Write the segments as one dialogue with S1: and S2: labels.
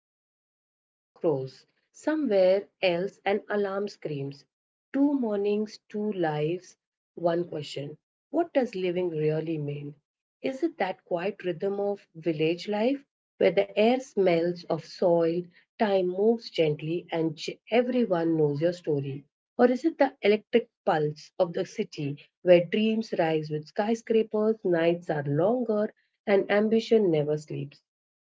S1: crows, somewhere else an alarm screams. Two mornings, two lives, one question. What does living really mean? Is it that quiet rhythm of village life where the air smells of soil, time moves gently, and everyone knows your story? Or is it the electric pulse of the city where dreams rise with skyscrapers, nights are longer, and ambition never sleeps.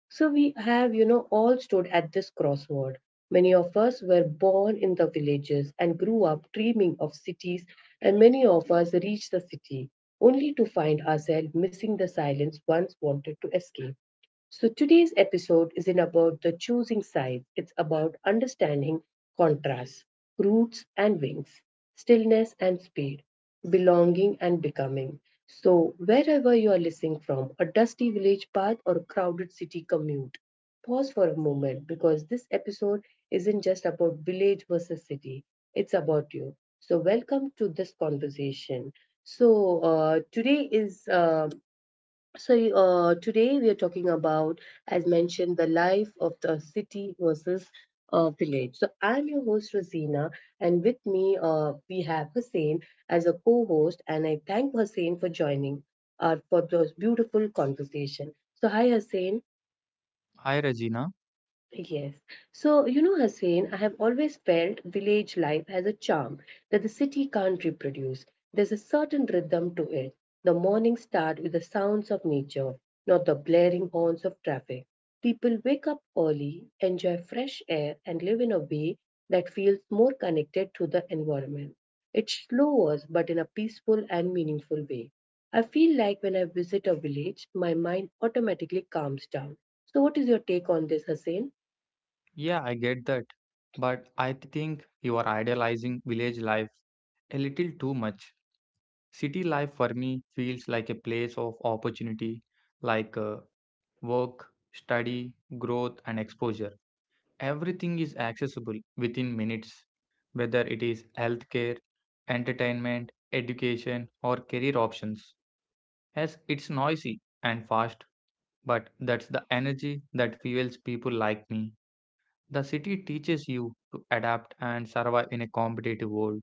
S1: So we have, all stood at this crossroad. Many of us were born in the villages and grew up dreaming of cities, and many of us reached the city only to find ourselves missing the silence once wanted to escape. So, today's episode isn't about the choosing sides, it's about understanding contrasts, roots and wings, stillness and speed, belonging and becoming. So, wherever you are listening from, a dusty village path or a crowded city commute, pause for a moment because this episode isn't just about village versus city, it's about you. So, welcome to this conversation. So, uh, today is um so, today we are talking about, as mentioned, the life of the city versus village. So, I'm your host, Rosina, and with me, we have Hussein as a co host, and I thank Hussein for joining for this beautiful conversation. So, hi, Hussein.
S2: Hi Regina.
S1: Yes. So, you know, Hussein, I have always felt village life has a charm that the city can't reproduce. There's a certain rhythm to it. The mornings start with the sounds of nature, not the blaring horns of traffic. People wake up early, enjoy fresh air, and live in a way that feels more connected to the environment. It's slower, but in a peaceful and meaningful way. I feel like when I visit a village, my mind automatically calms down. So, what is your take on this, Hussein?
S2: Yeah, I get that. But I think you are idealizing village life a little too much. City life for me feels like a place of opportunity, like work, study, growth, and exposure. Everything is accessible within minutes, whether it is healthcare, entertainment, education, or career options. Yes, it's noisy and fast, but that's the energy that fuels people like me. The city teaches you to adapt and survive in a competitive world.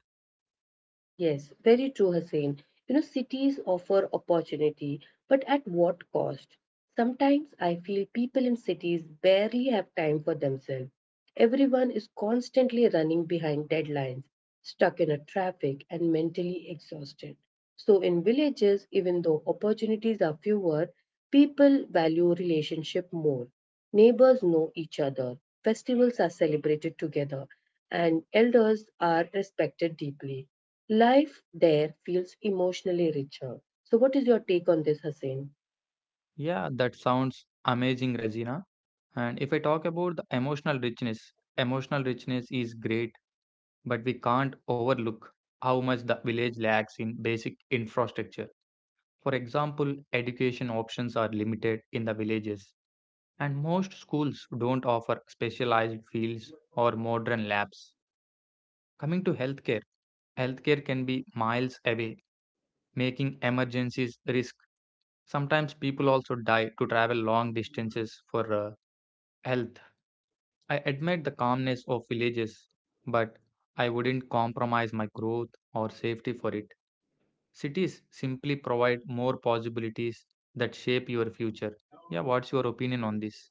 S1: Yes, very true, Hussein. You know, cities offer opportunity, but at what cost? Sometimes I feel people in cities barely have time for themselves. Everyone is constantly running behind deadlines, stuck in a traffic, and mentally exhausted. So, in villages, even though opportunities are fewer, people value relationship more. Neighbors know each other, festivals are celebrated together, and elders are respected deeply. Life there feels emotionally richer. So, what is your take on this, Hussein?
S2: Yeah, that sounds amazing, Regina. And if I talk about the emotional richness is great, but we can't overlook how much the village lacks in basic infrastructure. For example, education options are limited in the villages, and most schools don't offer specialized fields or modern labs. Coming to healthcare, healthcare can be miles away, making emergencies risk. Sometimes people also die to travel long distances for health. I admire the calmness of villages, but I wouldn't compromise my growth or safety for it. Cities simply provide more possibilities that shape your future. Yeah, what's your opinion on this?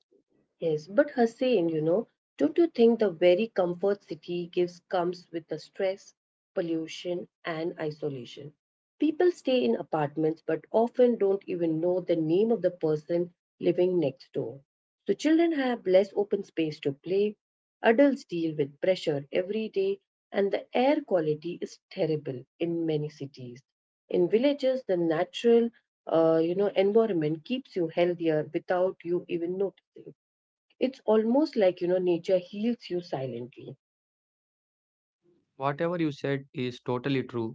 S1: Yes, but Hussein, you know, don't you think the very comfort city gives comes with the stress, pollution, and isolation? People stay in apartments but often don't even know the name of the person living next door. So children have less open space to play, adults deal with pressure every day, and the air quality is terrible in many cities. In villages, the natural you know environment keeps you healthier without you even noticing. It's almost like, you know, nature heals you silently.
S2: Whatever you said is totally true.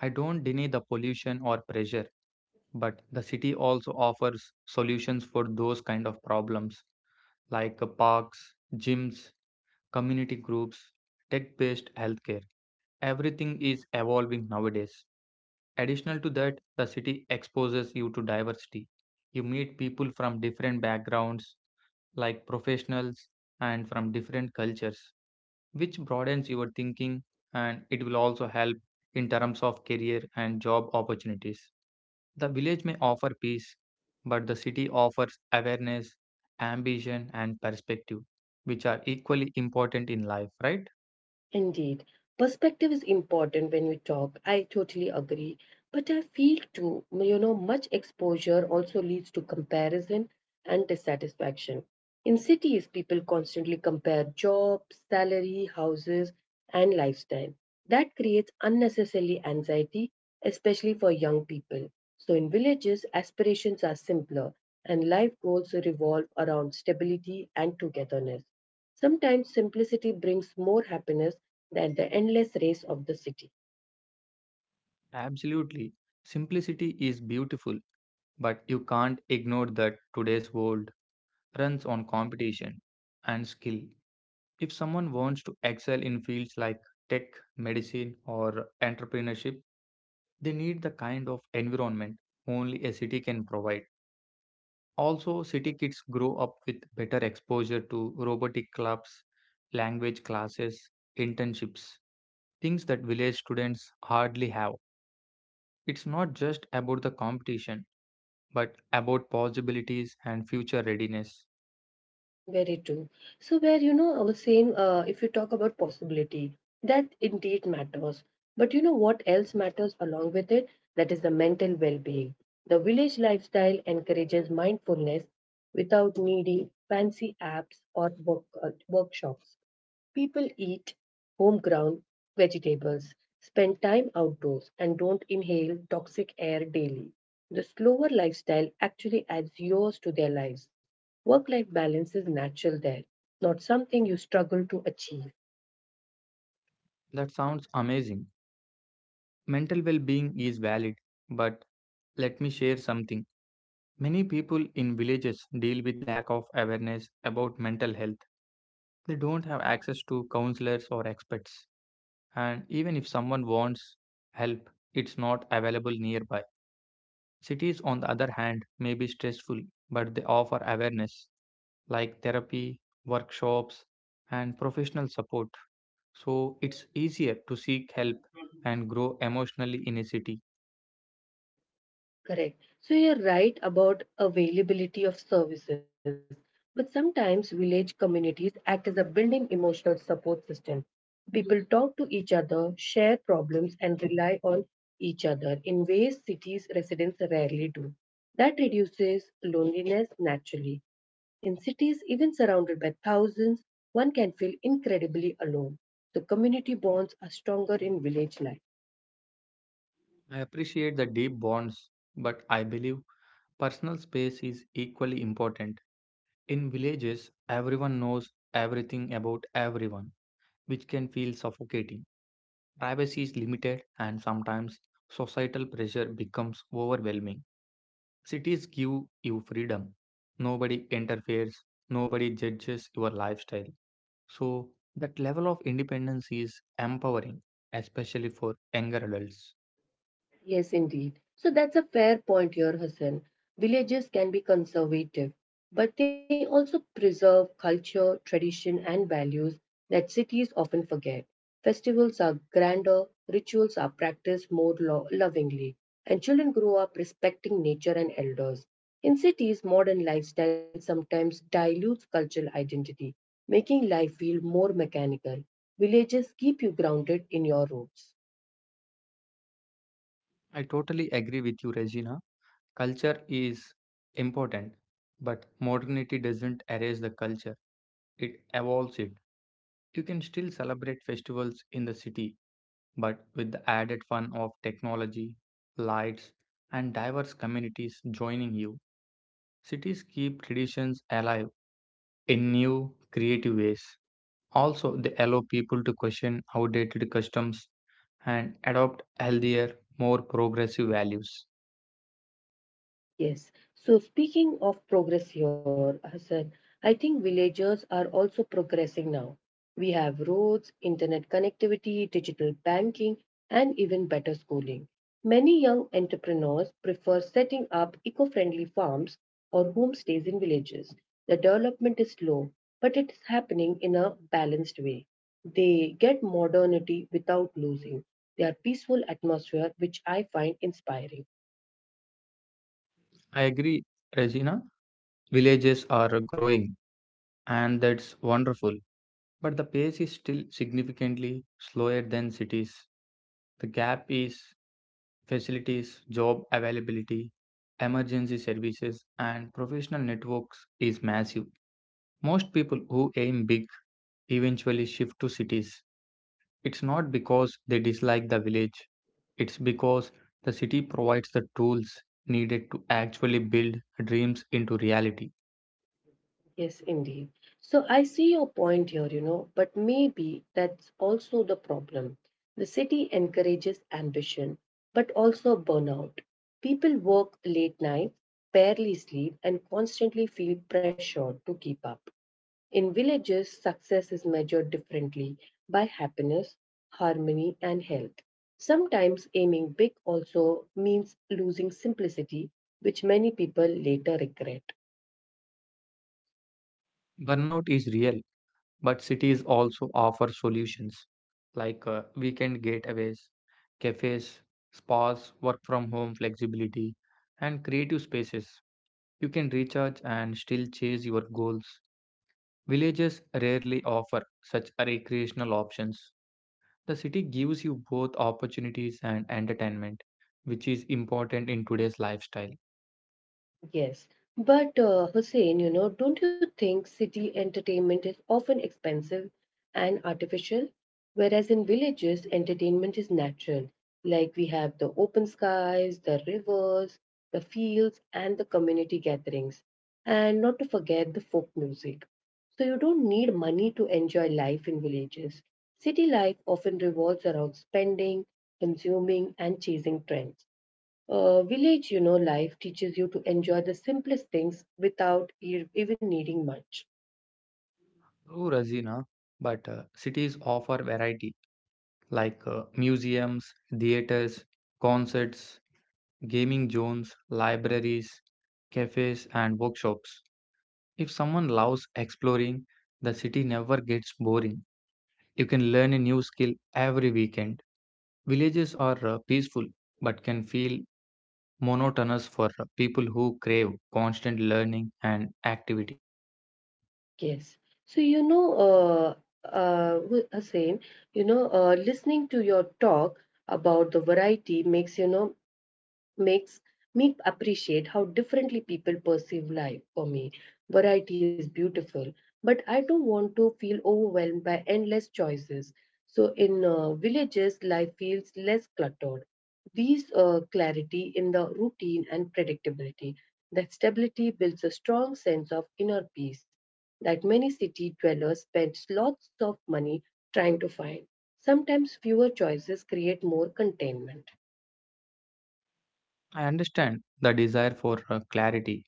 S2: I don't deny the pollution or pressure, but the city also offers solutions for those kind of problems like parks, gyms, community groups, tech based healthcare. Everything is evolving nowadays. Additional to that, the city exposes you to diversity. You meet people from different backgrounds, like professionals, and from different cultures, which broadens your thinking and it will also help in terms of career and job opportunities. The village may offer peace, but the city offers awareness, ambition, and perspective, which are equally important in life, right?
S1: Indeed, perspective is important when we talk. I totally agree. But I feel too, you know, much exposure also leads to comparison and dissatisfaction. In cities, people constantly compare jobs, salary, houses, and lifestyle. That creates unnecessary anxiety, especially for young people. So, in villages, aspirations are simpler and life goals revolve around stability and togetherness. Sometimes simplicity brings more happiness than the endless race of the city.
S2: Absolutely. Simplicity is beautiful, but you can't ignore that today's world runs on competition and skill. If someone wants to excel in fields like tech, medicine, or entrepreneurship, they need the kind of environment only a city can provide. Also, city kids grow up with better exposure to robotic clubs, language classes, internships, things that village students hardly have. It's not just about the competition but about possibilities and future readiness.
S1: Very true. So where you know same if you talk about possibility, that indeed matters. But you know what else matters along with it? That is the mental well-being. The village lifestyle encourages mindfulness without needing fancy apps or workshops. People eat homegrown vegetables, spend time outdoors, and don't inhale toxic air daily. The slower lifestyle actually adds years to their lives. Work life balance is natural there, not something you struggle to achieve.
S2: That sounds amazing. Mental well being is valid, but let me share something. Many people in villages deal with lack of awareness about mental health. They don't have access to counselors or experts, and even if someone wants help, it's not available nearby. Cities, on the other hand, may be stressful, but they offer awareness like therapy, workshops, and professional support. So it's easier to seek help and grow emotionally in a city.
S1: Correct. So you're right about availability of services, but sometimes village communities act as a building emotional support system. People talk to each other, share problems, and rely on each other in ways cities residents rarely do. That reduces loneliness naturally. In cities, even surrounded by thousands, one can feel incredibly alone. The community bonds are stronger in village life.
S2: I appreciate the deep bonds, but I believe personal space is equally important. In villages, everyone knows everything about everyone, which can feel suffocating. Privacy is limited, and sometimes societal pressure becomes overwhelming. Cities give you freedom. Nobody interferes, nobody judges your lifestyle. So, that level of independence is empowering, especially for younger adults.
S1: Yes, indeed. So that's a fair point here, Hassan. Villages can be conservative, but they also preserve culture, tradition, and values that cities often forget. Festivals are grander, rituals are practiced more lovingly, and children grow up respecting nature and elders. In cities, modern lifestyle sometimes dilutes cultural identity, making life feel more mechanical. Villages keep you grounded in your roots.
S2: I totally agree with you, Regina. Culture is important, but modernity doesn't erase the culture, it evolves it. You can still celebrate festivals in the city, but with the added fun of technology, lights, and diverse communities joining you, cities keep traditions alive in new, creative ways. Also, they allow people to question outdated customs and adopt healthier, more progressive values.
S1: Yes. So speaking of progress here, Hassan, I think villagers are also progressing now. We have roads, internet connectivity, digital banking, and even better schooling. Many young entrepreneurs prefer setting up eco-friendly farms or homestays in villages. The development is slow, but it is happening in a balanced way. They get modernity without losing their peaceful atmosphere, which I find inspiring.
S2: I agree, Regina. Villages are growing, and that's wonderful. But the pace is still significantly slower than cities. The gap is facilities, job availability, emergency services, and professional networks is massive. Most people who aim big eventually shift to cities. It's not because they dislike the village, it's because the city provides the tools needed to actually build dreams into reality.
S1: Yes, indeed. So I see your point here, you know, but maybe that's also the problem. The city encourages ambition, but also burnout. People work late nights, barely sleep, and constantly feel pressured to keep up. In villages, success is measured differently by happiness, harmony, and health. Sometimes aiming big also means losing simplicity, which many people later regret.
S2: Burnout is real, but cities also offer solutions like weekend getaways, cafes, spas, work from home flexibility, and creative spaces. You can recharge and still chase your goals. Villages rarely offer such recreational options. The city gives you both opportunities and entertainment, which is important in today's lifestyle.
S1: Yes, but Hussein, you know, don't you think city entertainment is often expensive and artificial? Whereas in villages, entertainment is natural. Like we have the open skies, the rivers, the fields, and the community gatherings. And not to forget the folk music. So you don't need money to enjoy life in villages. City life often revolves around spending, consuming, and chasing trends. Village, you know, life teaches you to enjoy the simplest things without even needing much.
S2: True, Razina, but cities offer variety like museums, theaters, concerts, gaming zones, libraries, cafes, and workshops. If someone loves exploring, the city never gets boring. You can learn a new skill every weekend. Villages are peaceful but can feel monotonous for people who crave constant learning and activity.
S1: Yes. So Hussein, listening to your talk about the variety makes you know makes me appreciate how differently people perceive life for me. Variety is beautiful, but I don't want to feel overwhelmed by endless choices. So, in villages, life feels less cluttered. These clarity in the routine and predictability. That stability builds a strong sense of inner peace that many city dwellers spend lots of money trying to find. Sometimes fewer choices create more contentment.
S2: I understand the desire for clarity,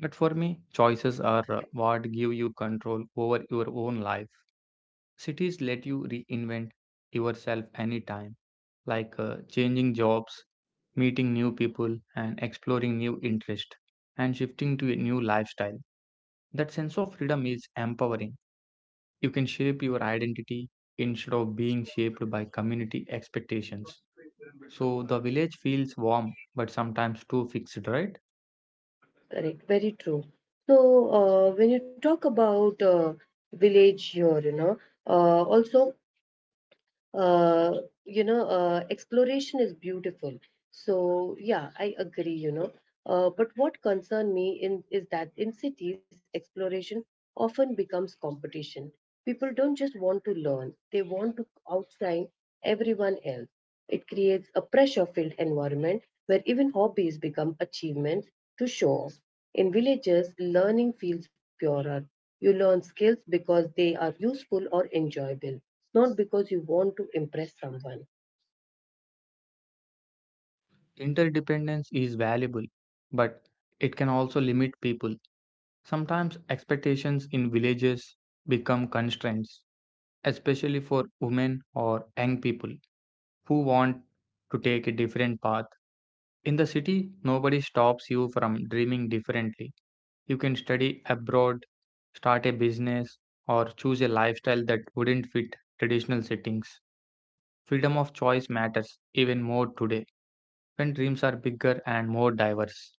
S2: but for me, choices are what give you control over your own life. Cities let you reinvent yourself anytime, like changing jobs, meeting new people, and exploring new interests, and shifting to a new lifestyle. That sense of freedom is empowering. You can shape your identity instead of being shaped by community expectations. So the village feels warm, but sometimes too fixed, right?
S1: Correct, very true. So, when you talk about village here, you know, uh, also, uh, you know, exploration is beautiful. So, yeah, I agree, you know. But what concern me in is that in cities, exploration often becomes competition. People don't just want to learn, they want to outshine everyone else. It creates a pressure-filled environment where even hobbies become achievements to show off. In villages, learning feels purer. You learn skills because they are useful or enjoyable, not because you want to impress someone.
S2: Interdependence is valuable, but it can also limit people. Sometimes expectations in villages become constraints, especially for women or young people who want to take a different path. In the city, nobody stops you from dreaming differently. You can study abroad, start a business, or choose a lifestyle that wouldn't fit traditional settings. Freedom of choice matters even more today when dreams are bigger and more diverse.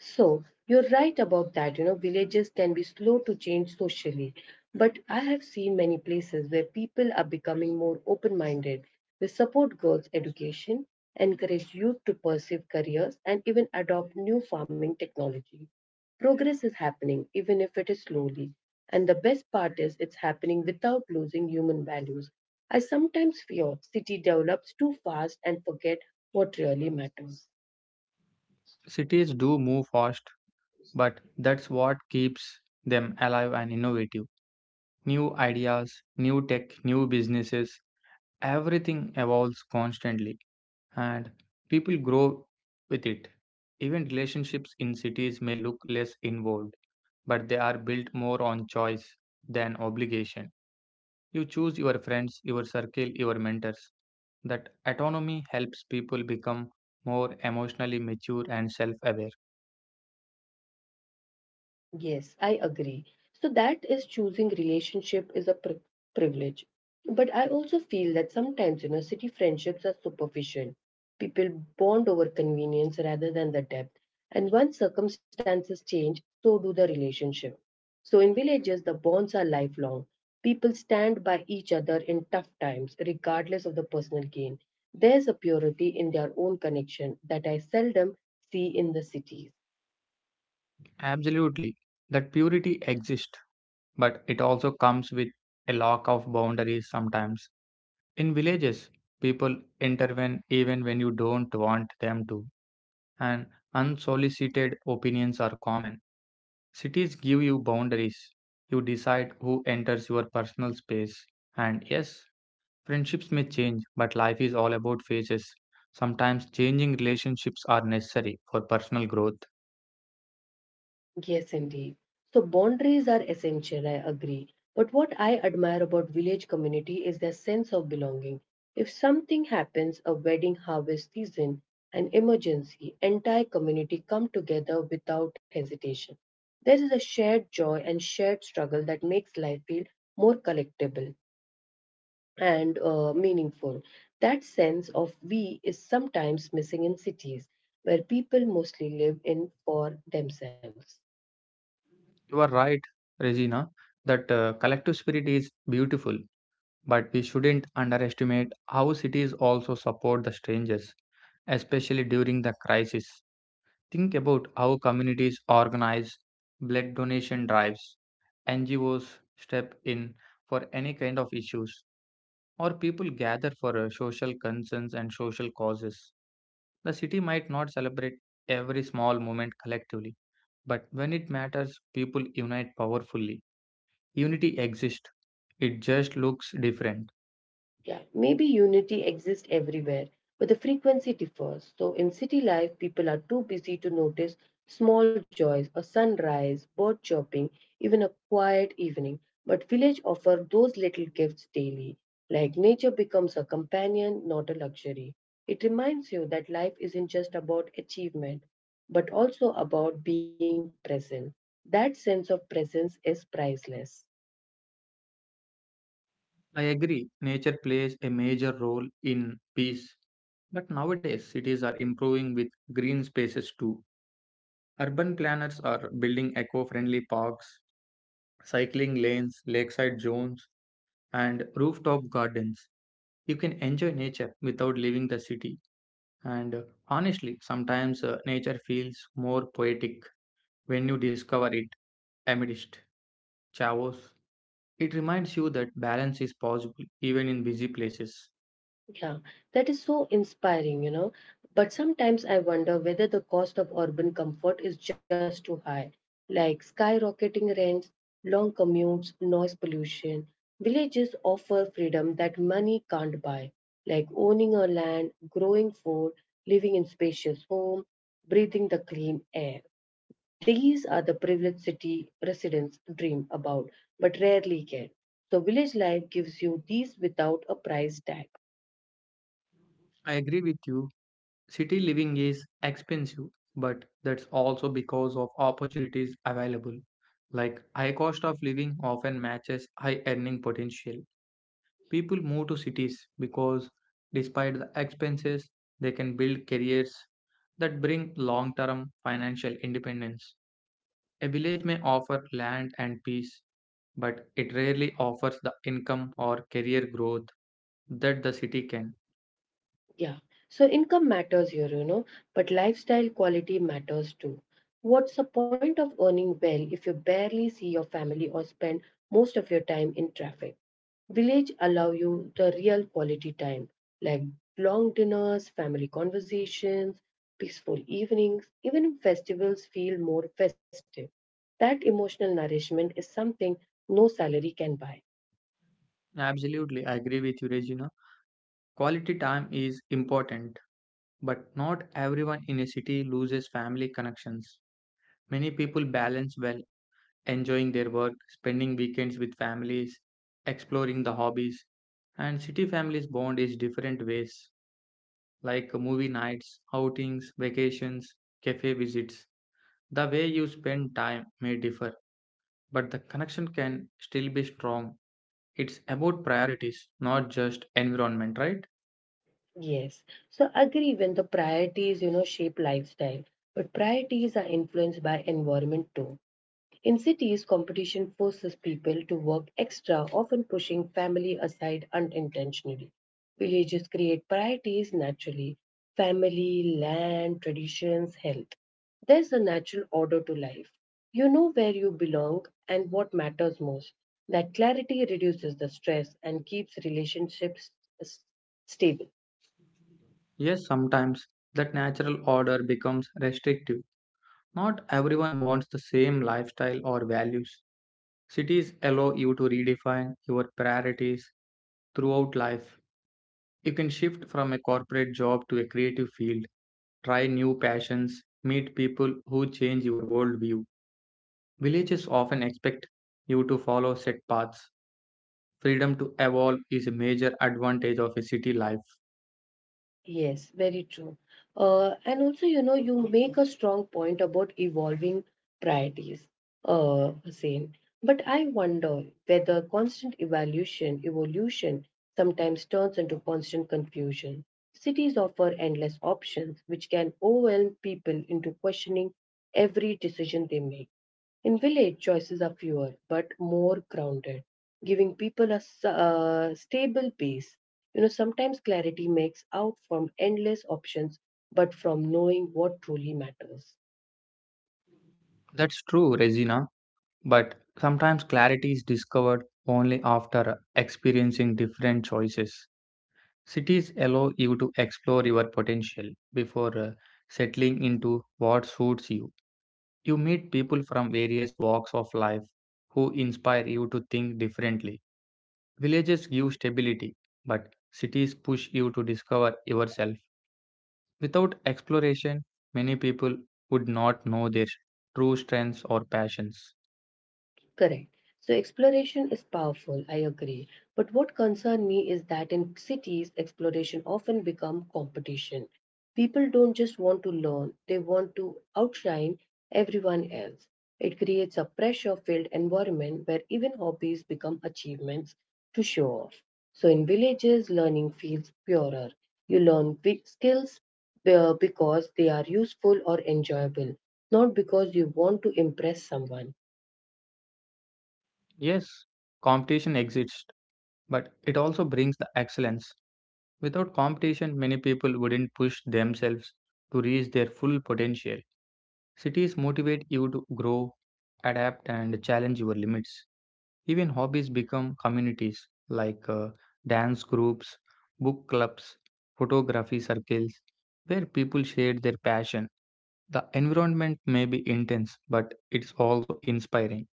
S1: So you're right about that. You know, villages can be slow to change socially, but I have seen many places where people are becoming more open minded. They support girls' education, encourage youth to pursue careers, and even adopt new farming technology. Progress is happening, even if it is slowly. And the best part is it's happening without losing human values. I sometimes fear city develops too fast and forget what really matters.
S2: Cities do move fast, but that's what keeps them alive and innovative. New ideas, new tech, new businesses, everything evolves constantly and people grow with it. Even relationships in cities may look less involved, but they are built more on choice than obligation. You choose your friends, your circle, your mentors. That autonomy helps people become more emotionally mature and self aware.
S1: Yes, I agree. So that is choosing relationship is a privilege. But I also feel that sometimes, you know, city friendships are superficial. People bond over convenience rather than the depth. And once circumstances change, so do the relationship. So in villages, the bonds are lifelong. People stand by each other in tough times, regardless of the personal gain. There's a purity in their own connection that I seldom see in the cities.
S2: Absolutely, that purity exists, but it also comes with a lack of boundaries sometimes. In villages, people intervene even when you don't want them to, and unsolicited opinions are common. Cities give you boundaries. You decide who enters your personal space. And yes, friendships may change, but life is all about phases. Sometimes changing relationships are necessary for personal growth.
S1: Yes, indeed. So boundaries are essential, I agree. But what I admire about village community is their sense of belonging. If something happens, a wedding, harvest season, an emergency, entire community come together without hesitation. There is a shared joy and shared struggle that makes life feel more collectible and meaningful. That sense of we is sometimes missing in cities where people mostly live in for themselves.
S2: You are right, Regina, that collective spirit is beautiful, but we shouldn't underestimate how cities also support the strangers, especially during the crisis. Think about how communities organize blood donation drives, NGOs step in for any kind of issues, or people gather for social concerns and social causes. The city might not celebrate every small moment collectively, but when it matters, people unite powerfully. Unity exists, it just looks different.
S1: Yeah, maybe unity exists everywhere, but the frequency differs. So in city life, people are too busy to notice small joys, a sunrise, bird chirping, even a quiet evening. But village offer those little gifts daily. Like nature becomes a companion, not a luxury. It reminds you that life isn't just about achievement, but also about being present. That sense of presence is priceless.
S2: I agree, nature plays a major role in peace, but nowadays cities are improving with green spaces too. Urban planners are building eco friendly parks, cycling lanes, lakeside zones, and rooftop gardens. You can enjoy nature without leaving the city. And honestly, sometimes nature feels more poetic when you discover it amidst chaos. It reminds you that balance is possible even in busy places.
S1: Yeah, that is so inspiring, you know. But sometimes I wonder whether the cost of urban comfort is just too high, like skyrocketing rents, long commutes, noise pollution. Villages offer freedom that money can't buy, like owning a land, growing food, living in spacious home, breathing the clean air. These are the privileged city residents dream about, but rarely get. So village life gives you these without a price tag.
S2: I agree with you. City living is expensive, but that's also because of opportunities available. Like high cost of living often matches high earning potential. People move to cities because, despite the expenses, they can build careers that bring long term financial independence. A village may offer land and peace, but it rarely offers the income or career growth that the city can.
S1: Yeah. So income matters here, you know, but lifestyle quality matters too. What's the point of earning well if you barely see your family or spend most of your time in traffic? Village allow you the real quality time, like long dinners, family conversations, peaceful evenings, even festivals feel more festive. That emotional nourishment is something no salary can buy.
S2: Absolutely, I agree with you, Regina. Quality time is important, but not everyone in a city loses family connections. Many people balance well enjoying their work, spending weekends with families, exploring the hobbies. And city families bond in different ways, like movie nights, outings, vacations, cafe visits. The way you spend time may differ, but the connection can still be strong. It's about priorities, not just environment, right?
S1: Yes. So agree when the priorities, shape lifestyle, but priorities are influenced by environment too. In cities, competition forces people to work extra, often pushing family aside unintentionally. Villages create priorities naturally family, land, traditions, health. There's a natural order to life. You know where you belong and what matters most. That clarity reduces the stress and keeps relationships s- stable.
S2: Yes, sometimes that natural order becomes restrictive. Not everyone wants the same lifestyle or values. Cities allow you to redefine your priorities throughout life. You can shift from a corporate job to a creative field, try new passions, meet people who change your worldview. Villages often expect you to follow set paths. Freedom to evolve is a major advantage of a city life.
S1: Yes, very true. And also, you make a strong point about evolving priorities, Hussein. But I wonder whether constant evaluation, evolution sometimes turns into constant confusion. Cities offer endless options, which can overwhelm people into questioning every decision they make. In village, choices are fewer but more grounded, giving people a stable base. You know, sometimes clarity makes out from endless options, but from knowing what truly matters.
S2: That's true, Regina, but sometimes clarity is discovered only after experiencing different choices. Cities allow you to explore your potential before settling into what suits you. You meet people from various walks of life who inspire you to think differently. Villages give stability, but cities push you to discover yourself. Without exploration, many people would not know their true strengths or passions.
S1: Correct. So exploration is powerful, I agree. But what concerns me is that in cities, exploration often become competition. People don't just want to learn, they want to outshine everyone else. It creates a pressure-filled environment where even hobbies become achievements to show off. So in villages, learning feels purer. You learn big skills because they are useful or enjoyable, not because you want to impress someone.
S2: Yes, competition exists, but it also brings the excellence. Without competition, many people wouldn't push themselves to reach their full potential. Cities motivate you to grow, adapt, and challenge your limits. Even hobbies become communities like dance groups, book clubs, photography circles, where people share their passion. The environment may be intense, but it's also inspiring.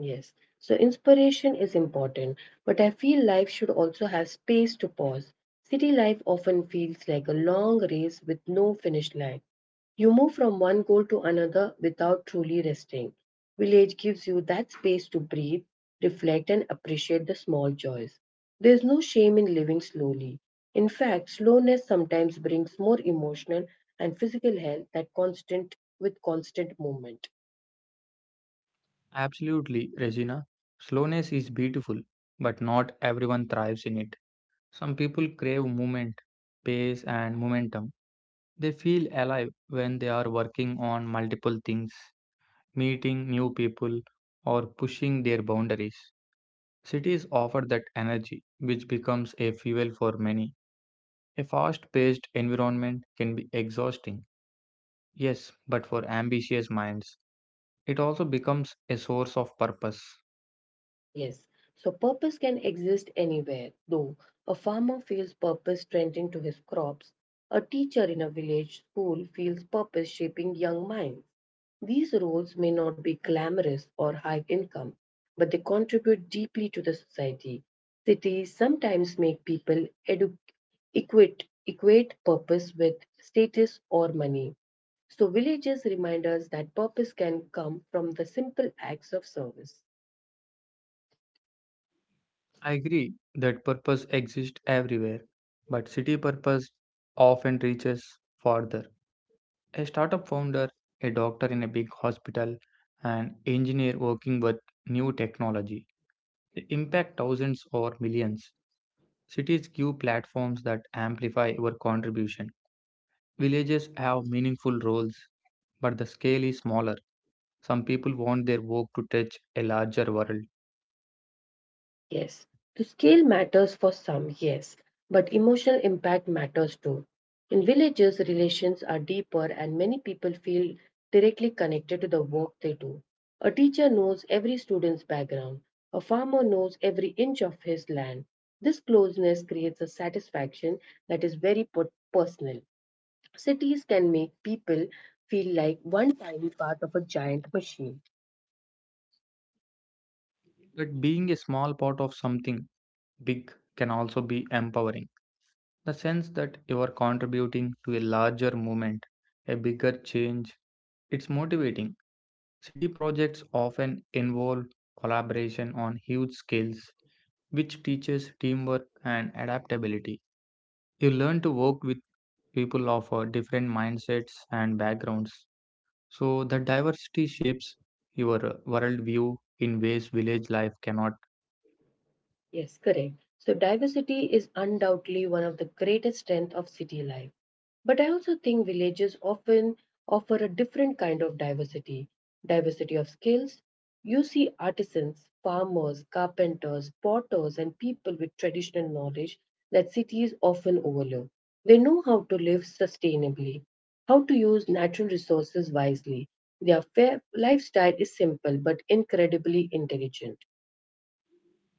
S1: Yes. So inspiration is important, but I feel life should also have space to pause. City life often feels like a long race with no finish line. You move from one goal to another without truly resting. Village gives you that space to breathe, reflect, and appreciate the small joys. There's no shame in living slowly. In fact, slowness sometimes brings more emotional and physical health that constant with constant movement.
S2: Absolutely, Regina. Slowness is beautiful, but not everyone thrives in it. Some people crave movement, pace, and momentum. They feel alive when they are working on multiple things, meeting new people, or pushing their boundaries. Cities offer that energy, which becomes a fuel for many. A fast paced environment can be exhausting, yes, but for ambitious minds, it also becomes a source of purpose.
S1: Yes, so purpose can exist anywhere, though. A farmer feels purpose tending to his crops, a teacher in a village school feels purpose shaping young minds. These roles may not be glamorous or high income, but they contribute deeply to the society. Cities sometimes make people equate purpose with status or money. So, villages remind us that purpose can come from the simple acts of service.
S2: I agree that purpose exists everywhere, but city purpose often reaches farther. A startup founder, a doctor in a big hospital, an engineer working with new technology. They impact thousands or millions. Cities give platforms that amplify your contribution. Villages have meaningful roles, but the scale is smaller. Some people want their work to touch a larger world.
S1: Yes, the scale matters for some, yes, but emotional impact matters too. In villages, relations are deeper and many people feel directly connected to the work they do. A teacher knows every student's background, a farmer knows every inch of his land. This closeness creates a satisfaction that is very personal. Cities can make people feel like one tiny part of a giant machine.
S2: But being a small part of something big can also be empowering. The sense that you are contributing to a larger movement, a bigger change, it's motivating. City projects often involve collaboration on huge scales, which teaches teamwork and adaptability. You learn to work with people of different mindsets and backgrounds. So, the diversity shapes your worldview in ways village life cannot.
S1: Yes, correct. So diversity is undoubtedly one of the greatest strengths of city life. But I also think villages often offer a different kind of diversity, diversity of skills. You see artisans, farmers, carpenters, potters, and people with traditional knowledge that cities often overlook. They know how to live sustainably, how to use natural resources wisely. Their fair lifestyle is simple but incredibly intelligent.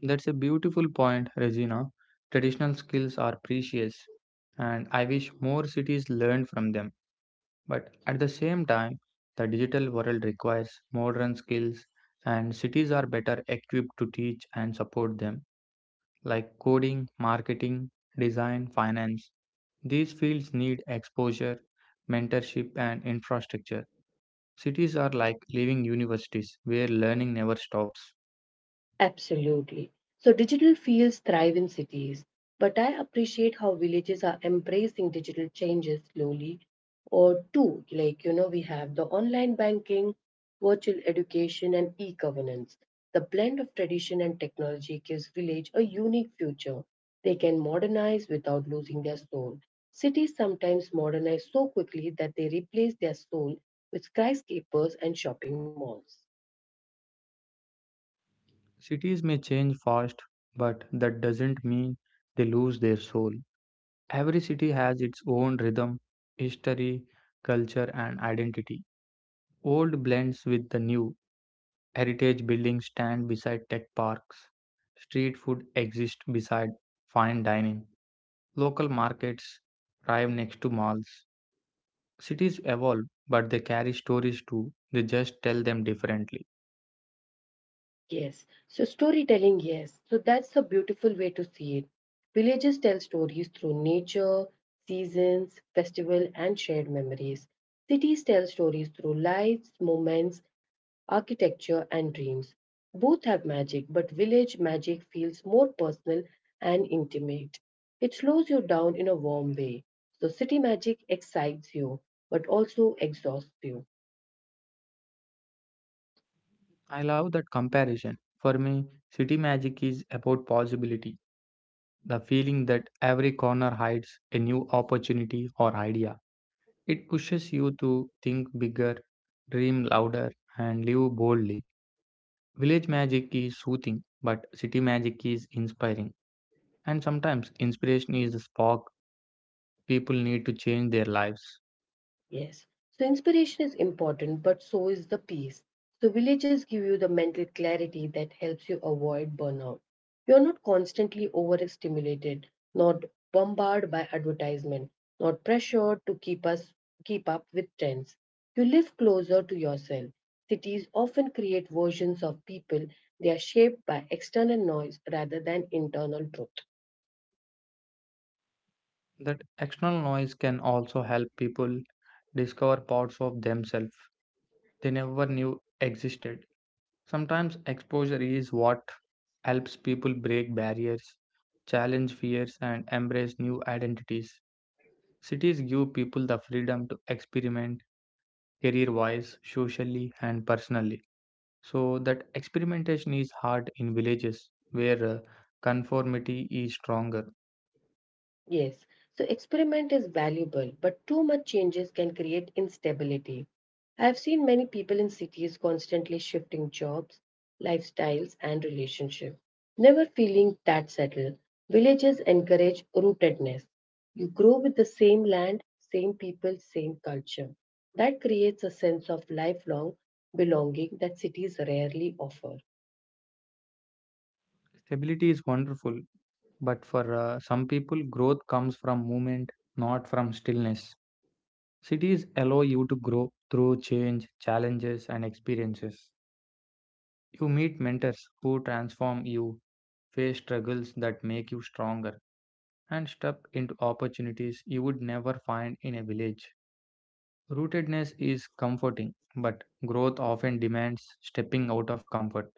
S2: That's a beautiful point, Regina. Traditional skills are precious, and I wish more cities learned from them. But at the same time, the digital world requires modern skills, and cities are better equipped to teach and support them, like coding, marketing, design, finance. These fields need exposure, mentorship, and infrastructure. Cities are like living universities where learning never stops.
S1: Absolutely. So digital fields thrive in cities, but I appreciate how villages are embracing digital changes slowly. Or two, like we have the online banking, virtual education, and e-governance. The blend of tradition and technology gives village a unique future. They can modernize without losing their soul. Cities sometimes modernize so quickly that they replace their soul with skyscrapers and shopping malls.
S2: Cities may change fast, but that doesn't mean they lose their soul. Every city has its own rhythm, history, culture, and identity. Old blends with the new. Heritage buildings stand beside tech parks. Street food exists beside fine dining. Local markets thrive next to malls. Cities evolve, but they carry stories too. They just tell them differently.
S1: Yes. So storytelling, yes. So that's a beautiful way to see it. Villages tell stories through nature, seasons, festival, and shared memories. Cities tell stories through lights, moments, architecture, and dreams. Both have magic, but village magic feels more personal and intimate. It slows you down in a warm way. So city magic excites you, but also exhausts you.
S2: I love that comparison. For me, city magic is about possibility. The feeling that every corner hides a new opportunity or idea. It pushes you to think bigger, dream louder, and live boldly. Village magic is soothing, but city magic is inspiring. And sometimes inspiration is the spark people need to change their lives.
S1: Yes. So inspiration is important, but so is the peace. So villages give you the mental clarity that helps you avoid burnout. You're not constantly overstimulated, not bombarded by advertisement, not pressured to keep up with trends. You live closer to yourself. Cities often create versions of people they are shaped by external noise rather than internal truth.
S2: That external noise can also help people discover parts of themselves they never knew existed. Sometimes exposure is what helps people break barriers, challenge fears, and embrace new identities. Cities give people the freedom to experiment career wise, socially, and personally. So that experimentation is hard in villages where conformity is stronger.
S1: Yes, so experiment is valuable, but too much changes can create instability. I have seen many people in cities constantly shifting jobs, lifestyles, and relationships, never feeling that settled. Villages encourage rootedness. You grow with the same land, same people, same culture. That creates a sense of lifelong belonging that cities rarely offer.
S2: Stability is wonderful, but for some people, growth comes from movement, not from stillness. Cities allow you to grow through change, challenges, and experiences. You meet mentors who transform you, face struggles that make you stronger, and step into opportunities you would never find in a village. Rootedness is comforting, but growth often demands stepping out of comfort.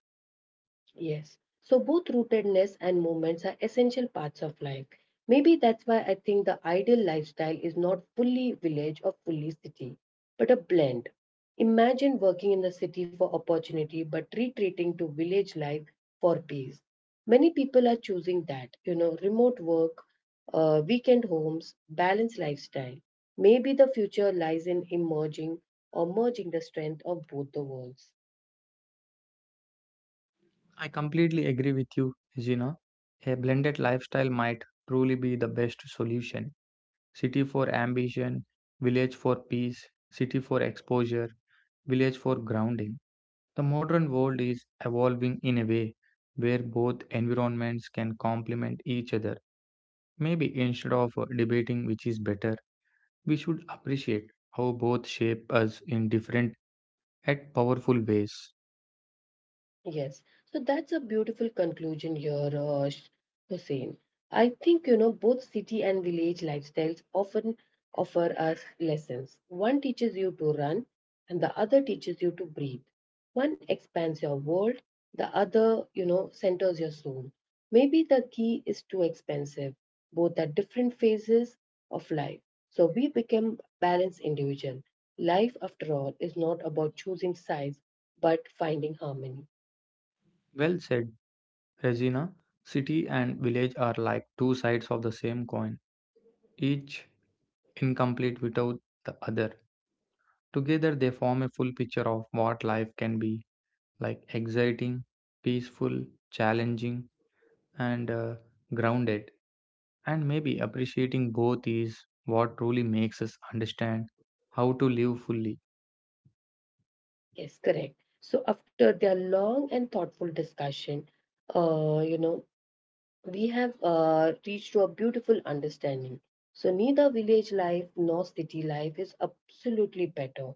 S1: Yes. So both rootedness and movements are essential parts of life. Maybe that's why I think the ideal lifestyle is not fully village or fully city, but a blend. Imagine working in the city for opportunity but retreating to village life for peace. Many people are choosing that, you know, remote work, weekend homes, balanced lifestyle. Maybe the future lies in emerging or merging the strength of both the worlds.
S2: I completely agree with you, Gina. A blended lifestyle might truly be the best solution. City for ambition, village for peace, city for exposure, village for grounding. The modern world is evolving in a way where both environments can complement each other. Maybe instead of debating which is better, we should appreciate how both shape us in different at powerful ways.
S1: Yes, so that's a beautiful conclusion here, Hussein. I think you know both city and village lifestyles often offer us lessons. One teaches you to run, and the other teaches you to breathe. One expands your world, the other, you know, centers your soul. Maybe the key is too expensive. Both are different phases of life, so we become balanced individual. Life, after all, is not about choosing sides, but finding harmony.
S2: Well said, Regina. City and village are like two sides of the same coin, each incomplete without the other. Together, they form a full picture of what life can be like exciting, peaceful, challenging, and grounded. And maybe appreciating both is what truly makes us understand how to live fully.
S1: Yes, correct. So after their long and thoughtful discussion, you know, we have reached to a beautiful understanding. So neither village life nor city life is absolutely better.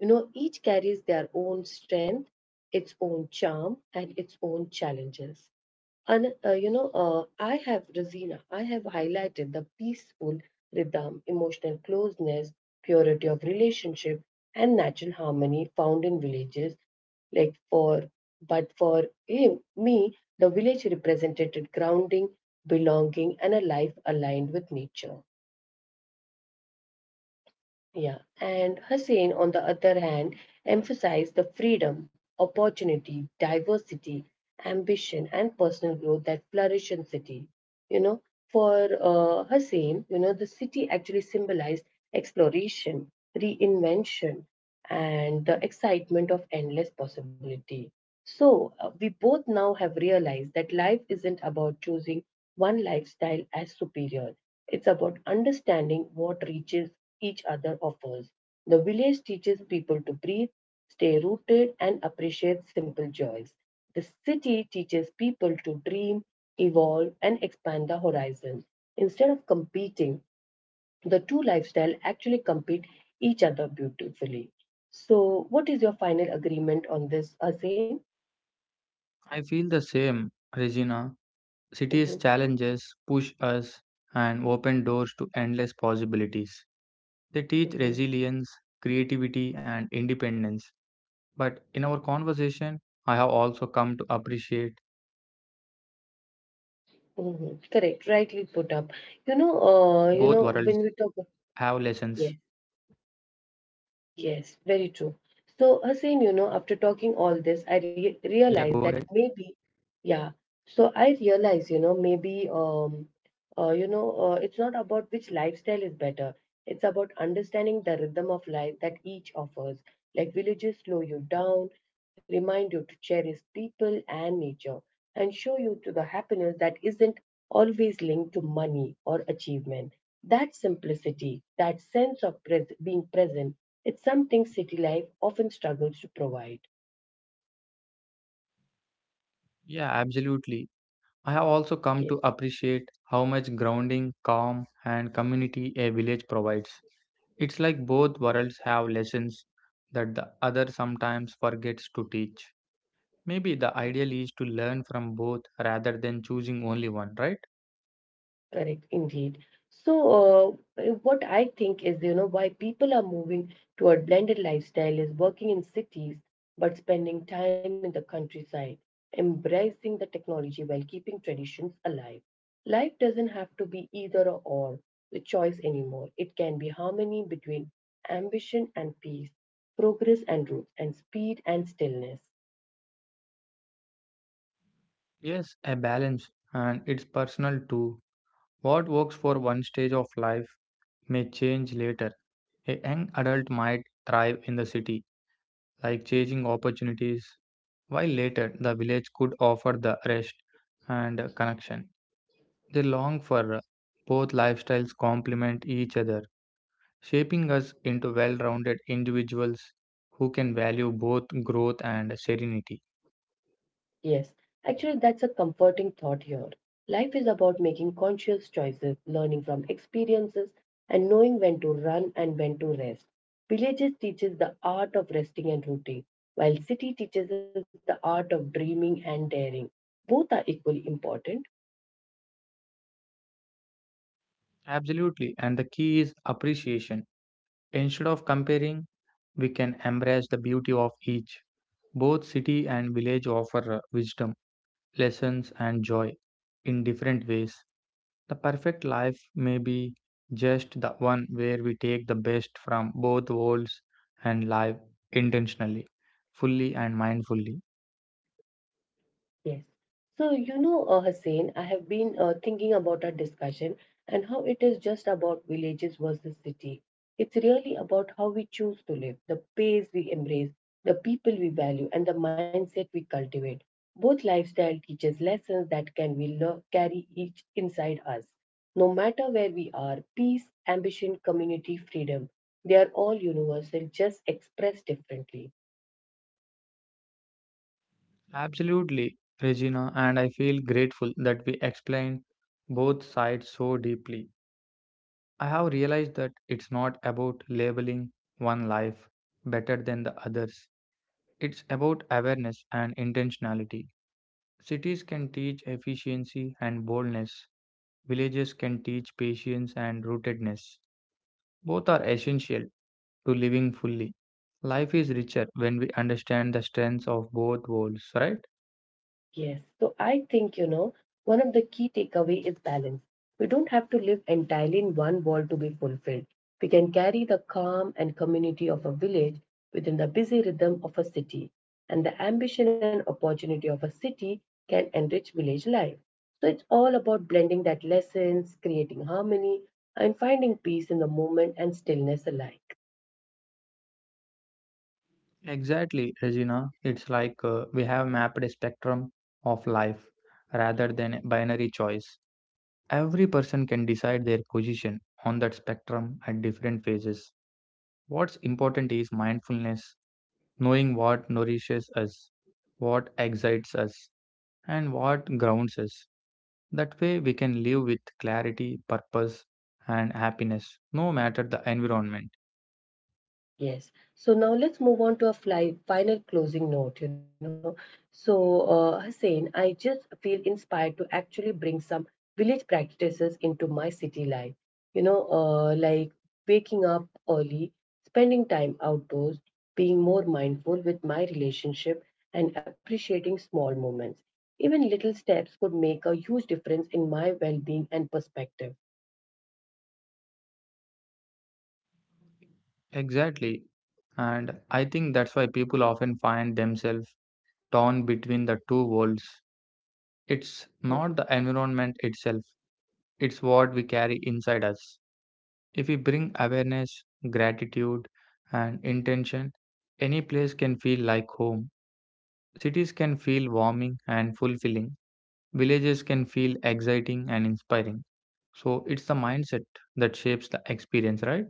S1: You know, each carries their own strength, its own charm, and its own challenges. I have Rosina, I have highlighted the peaceful rhythm, emotional closeness, purity of relationship, and natural harmony found in villages. Like for, but for him, me, the village represented grounding, belonging, and a life aligned with nature. Yeah, and Hussein, on the other hand, emphasized the freedom, opportunity, diversity, ambition, and personal growth that flourish in city, you know, for Hasim, you know the city actually symbolized exploration, reinvention, and the excitement of endless possibility. So we both now have realized that life isn't about choosing one lifestyle as superior, it's about understanding what reaches each other offers. The village teaches people to breathe, stay rooted, and appreciate simple joys. The city teaches people to dream, evolve, and expand the horizon. Instead of competing, the two lifestyle actually compete each other beautifully. So, what is your final agreement on this, Asim?
S2: I feel the same, Regina.
S1: hmm
S2: Cities' challenges push us and open doors to endless possibilities. They teach
S1: hmm
S2: resilience, creativity, and independence. But in our conversation, I have also come to appreciate how much ground, calm, and community a
S1: Correct,
S2: village
S1: rightly put
S2: provides.
S1: up.
S2: It's like both worlds
S1: When we talk,
S2: have lessons.
S1: yes. Yes, very true.
S2: Yeah, go
S1: So,
S2: ahead.
S1: Hussein, you know, after talking all this, I re realized that maybe, yeah. So I realized, you know, maybe, you know, it's not about which lifestyle is better. It's about understanding the rhythm of life that each offers. Like villages slow you down, remind you to cherish people and nature, and show you to the happiness that isn't always linked to money or achievement. That simplicity, that sense of pres being present, it's something city life often struggles to provide.
S2: Yeah, absolutely. I have also
S1: Yes,
S2: come to appreciate how much grounding, calm, and community a village provides. It's like both worlds have lessons that the other sometimes forgets to teach. Maybe the ideal is to learn from both rather than choosing only one, right?
S1: correct, indeed. So, what I think is, you know, why people are moving toward blended lifestyle is working in cities but spending time in the countryside, embracing the technology while keeping traditions alive. Life doesn't have to be either or the choice anymore. It can be harmony between ambition and peace, progress and roots, and speed and stillness.
S2: Yes, a balance, and it's personal too. What works for one stage of life may change later. A young adult might thrive in the city, like changing opportunities, while later the village could offer the rest and connection. They long for both lifestyles complement each other, shaping us into well rounded individuals who can value both growth and serenity.
S1: Yes, actually, that's a comforting thought here. Life is about making conscious choices, learning from experiences, and knowing when to run and when to rest. Villages teaches the art of resting and rooting, while city teaches us the art of dreaming and daring. Both are equally important.
S2: Absolutely, and the key is appreciation. Instead of comparing, we can embrace the beauty of each. Both city and village offer wisdom, lessons, and joy in different ways. The perfect life may be just the one where we take the best from both worlds and live intentionally, fully and mindfully.
S1: Yes. So, you know, Hussein, I have been thinking about our discussion and how it is just about villages versus city. It's really about how we choose to live, the pace we embrace, the people we value, and the mindset we cultivate. Both lifestyle teaches lessons that carry each inside us. No matter where we are, peace, ambition, community, freedom, they are all universal, just expressed differently.
S2: Absolutely, Regina, and I feel grateful that we explained both sides so deeply. I have realized that it's not about labeling one life better than the others. It's about awareness and intentionality. Cities can teach efficiency and boldness, villages can teach patience and rootedness. Both are essential to living fully. Life is richer when we understand the strengths of both worlds, right?
S1: Yes. So I think, you know, one of the key takeaway is balance. We don't have to live entirely in one world to be fulfilled. We can carry the calm and community of a village within the busy rhythm of a city. And the ambition and opportunity of a city can enrich village life. So it's all about blending that lessons, creating harmony, and finding peace in the moment and stillness alike.
S2: Exactly, Regina. It's like we have mapped a spectrum of life rather than a binary choice. Every person can decide their position on that spectrum at different phases. What's important is mindfulness, knowing what nourishes us, what excites us, and what grounds us. That way, we can live with clarity, purpose, and happiness, no matter the environment.
S1: Yes. So now let's move on to a final closing note, you know. So, Hussein, I just feel inspired to actually bring some village practices into my city life. You know, like waking up early, spending time outdoors, being more mindful with my relationship, and appreciating small moments. Even little steps could make a huge difference in my well-being and perspective.
S2: Exactly. And I think that's why people often find themselves torn between the two worlds. It's
S1: Mm-hmm.
S2: not the environment itself, it's what we carry inside us. If we bring awareness, gratitude, and intention, any place can feel like home. Cities can feel warming and fulfilling, villages can feel exciting and inspiring. So it's the mindset that shapes the experience, right?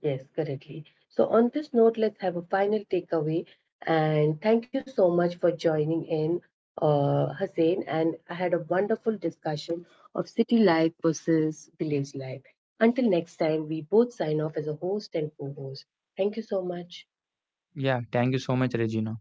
S1: Yes, correctly. So, on this note, let's have a final takeaway. And thank you so much for joining in, Hussein. And I had a wonderful discussion of city life versus village life. Until next time, we both sign off as a host and co host. Thank you so much.
S2: Yeah, thank you so much, Regina.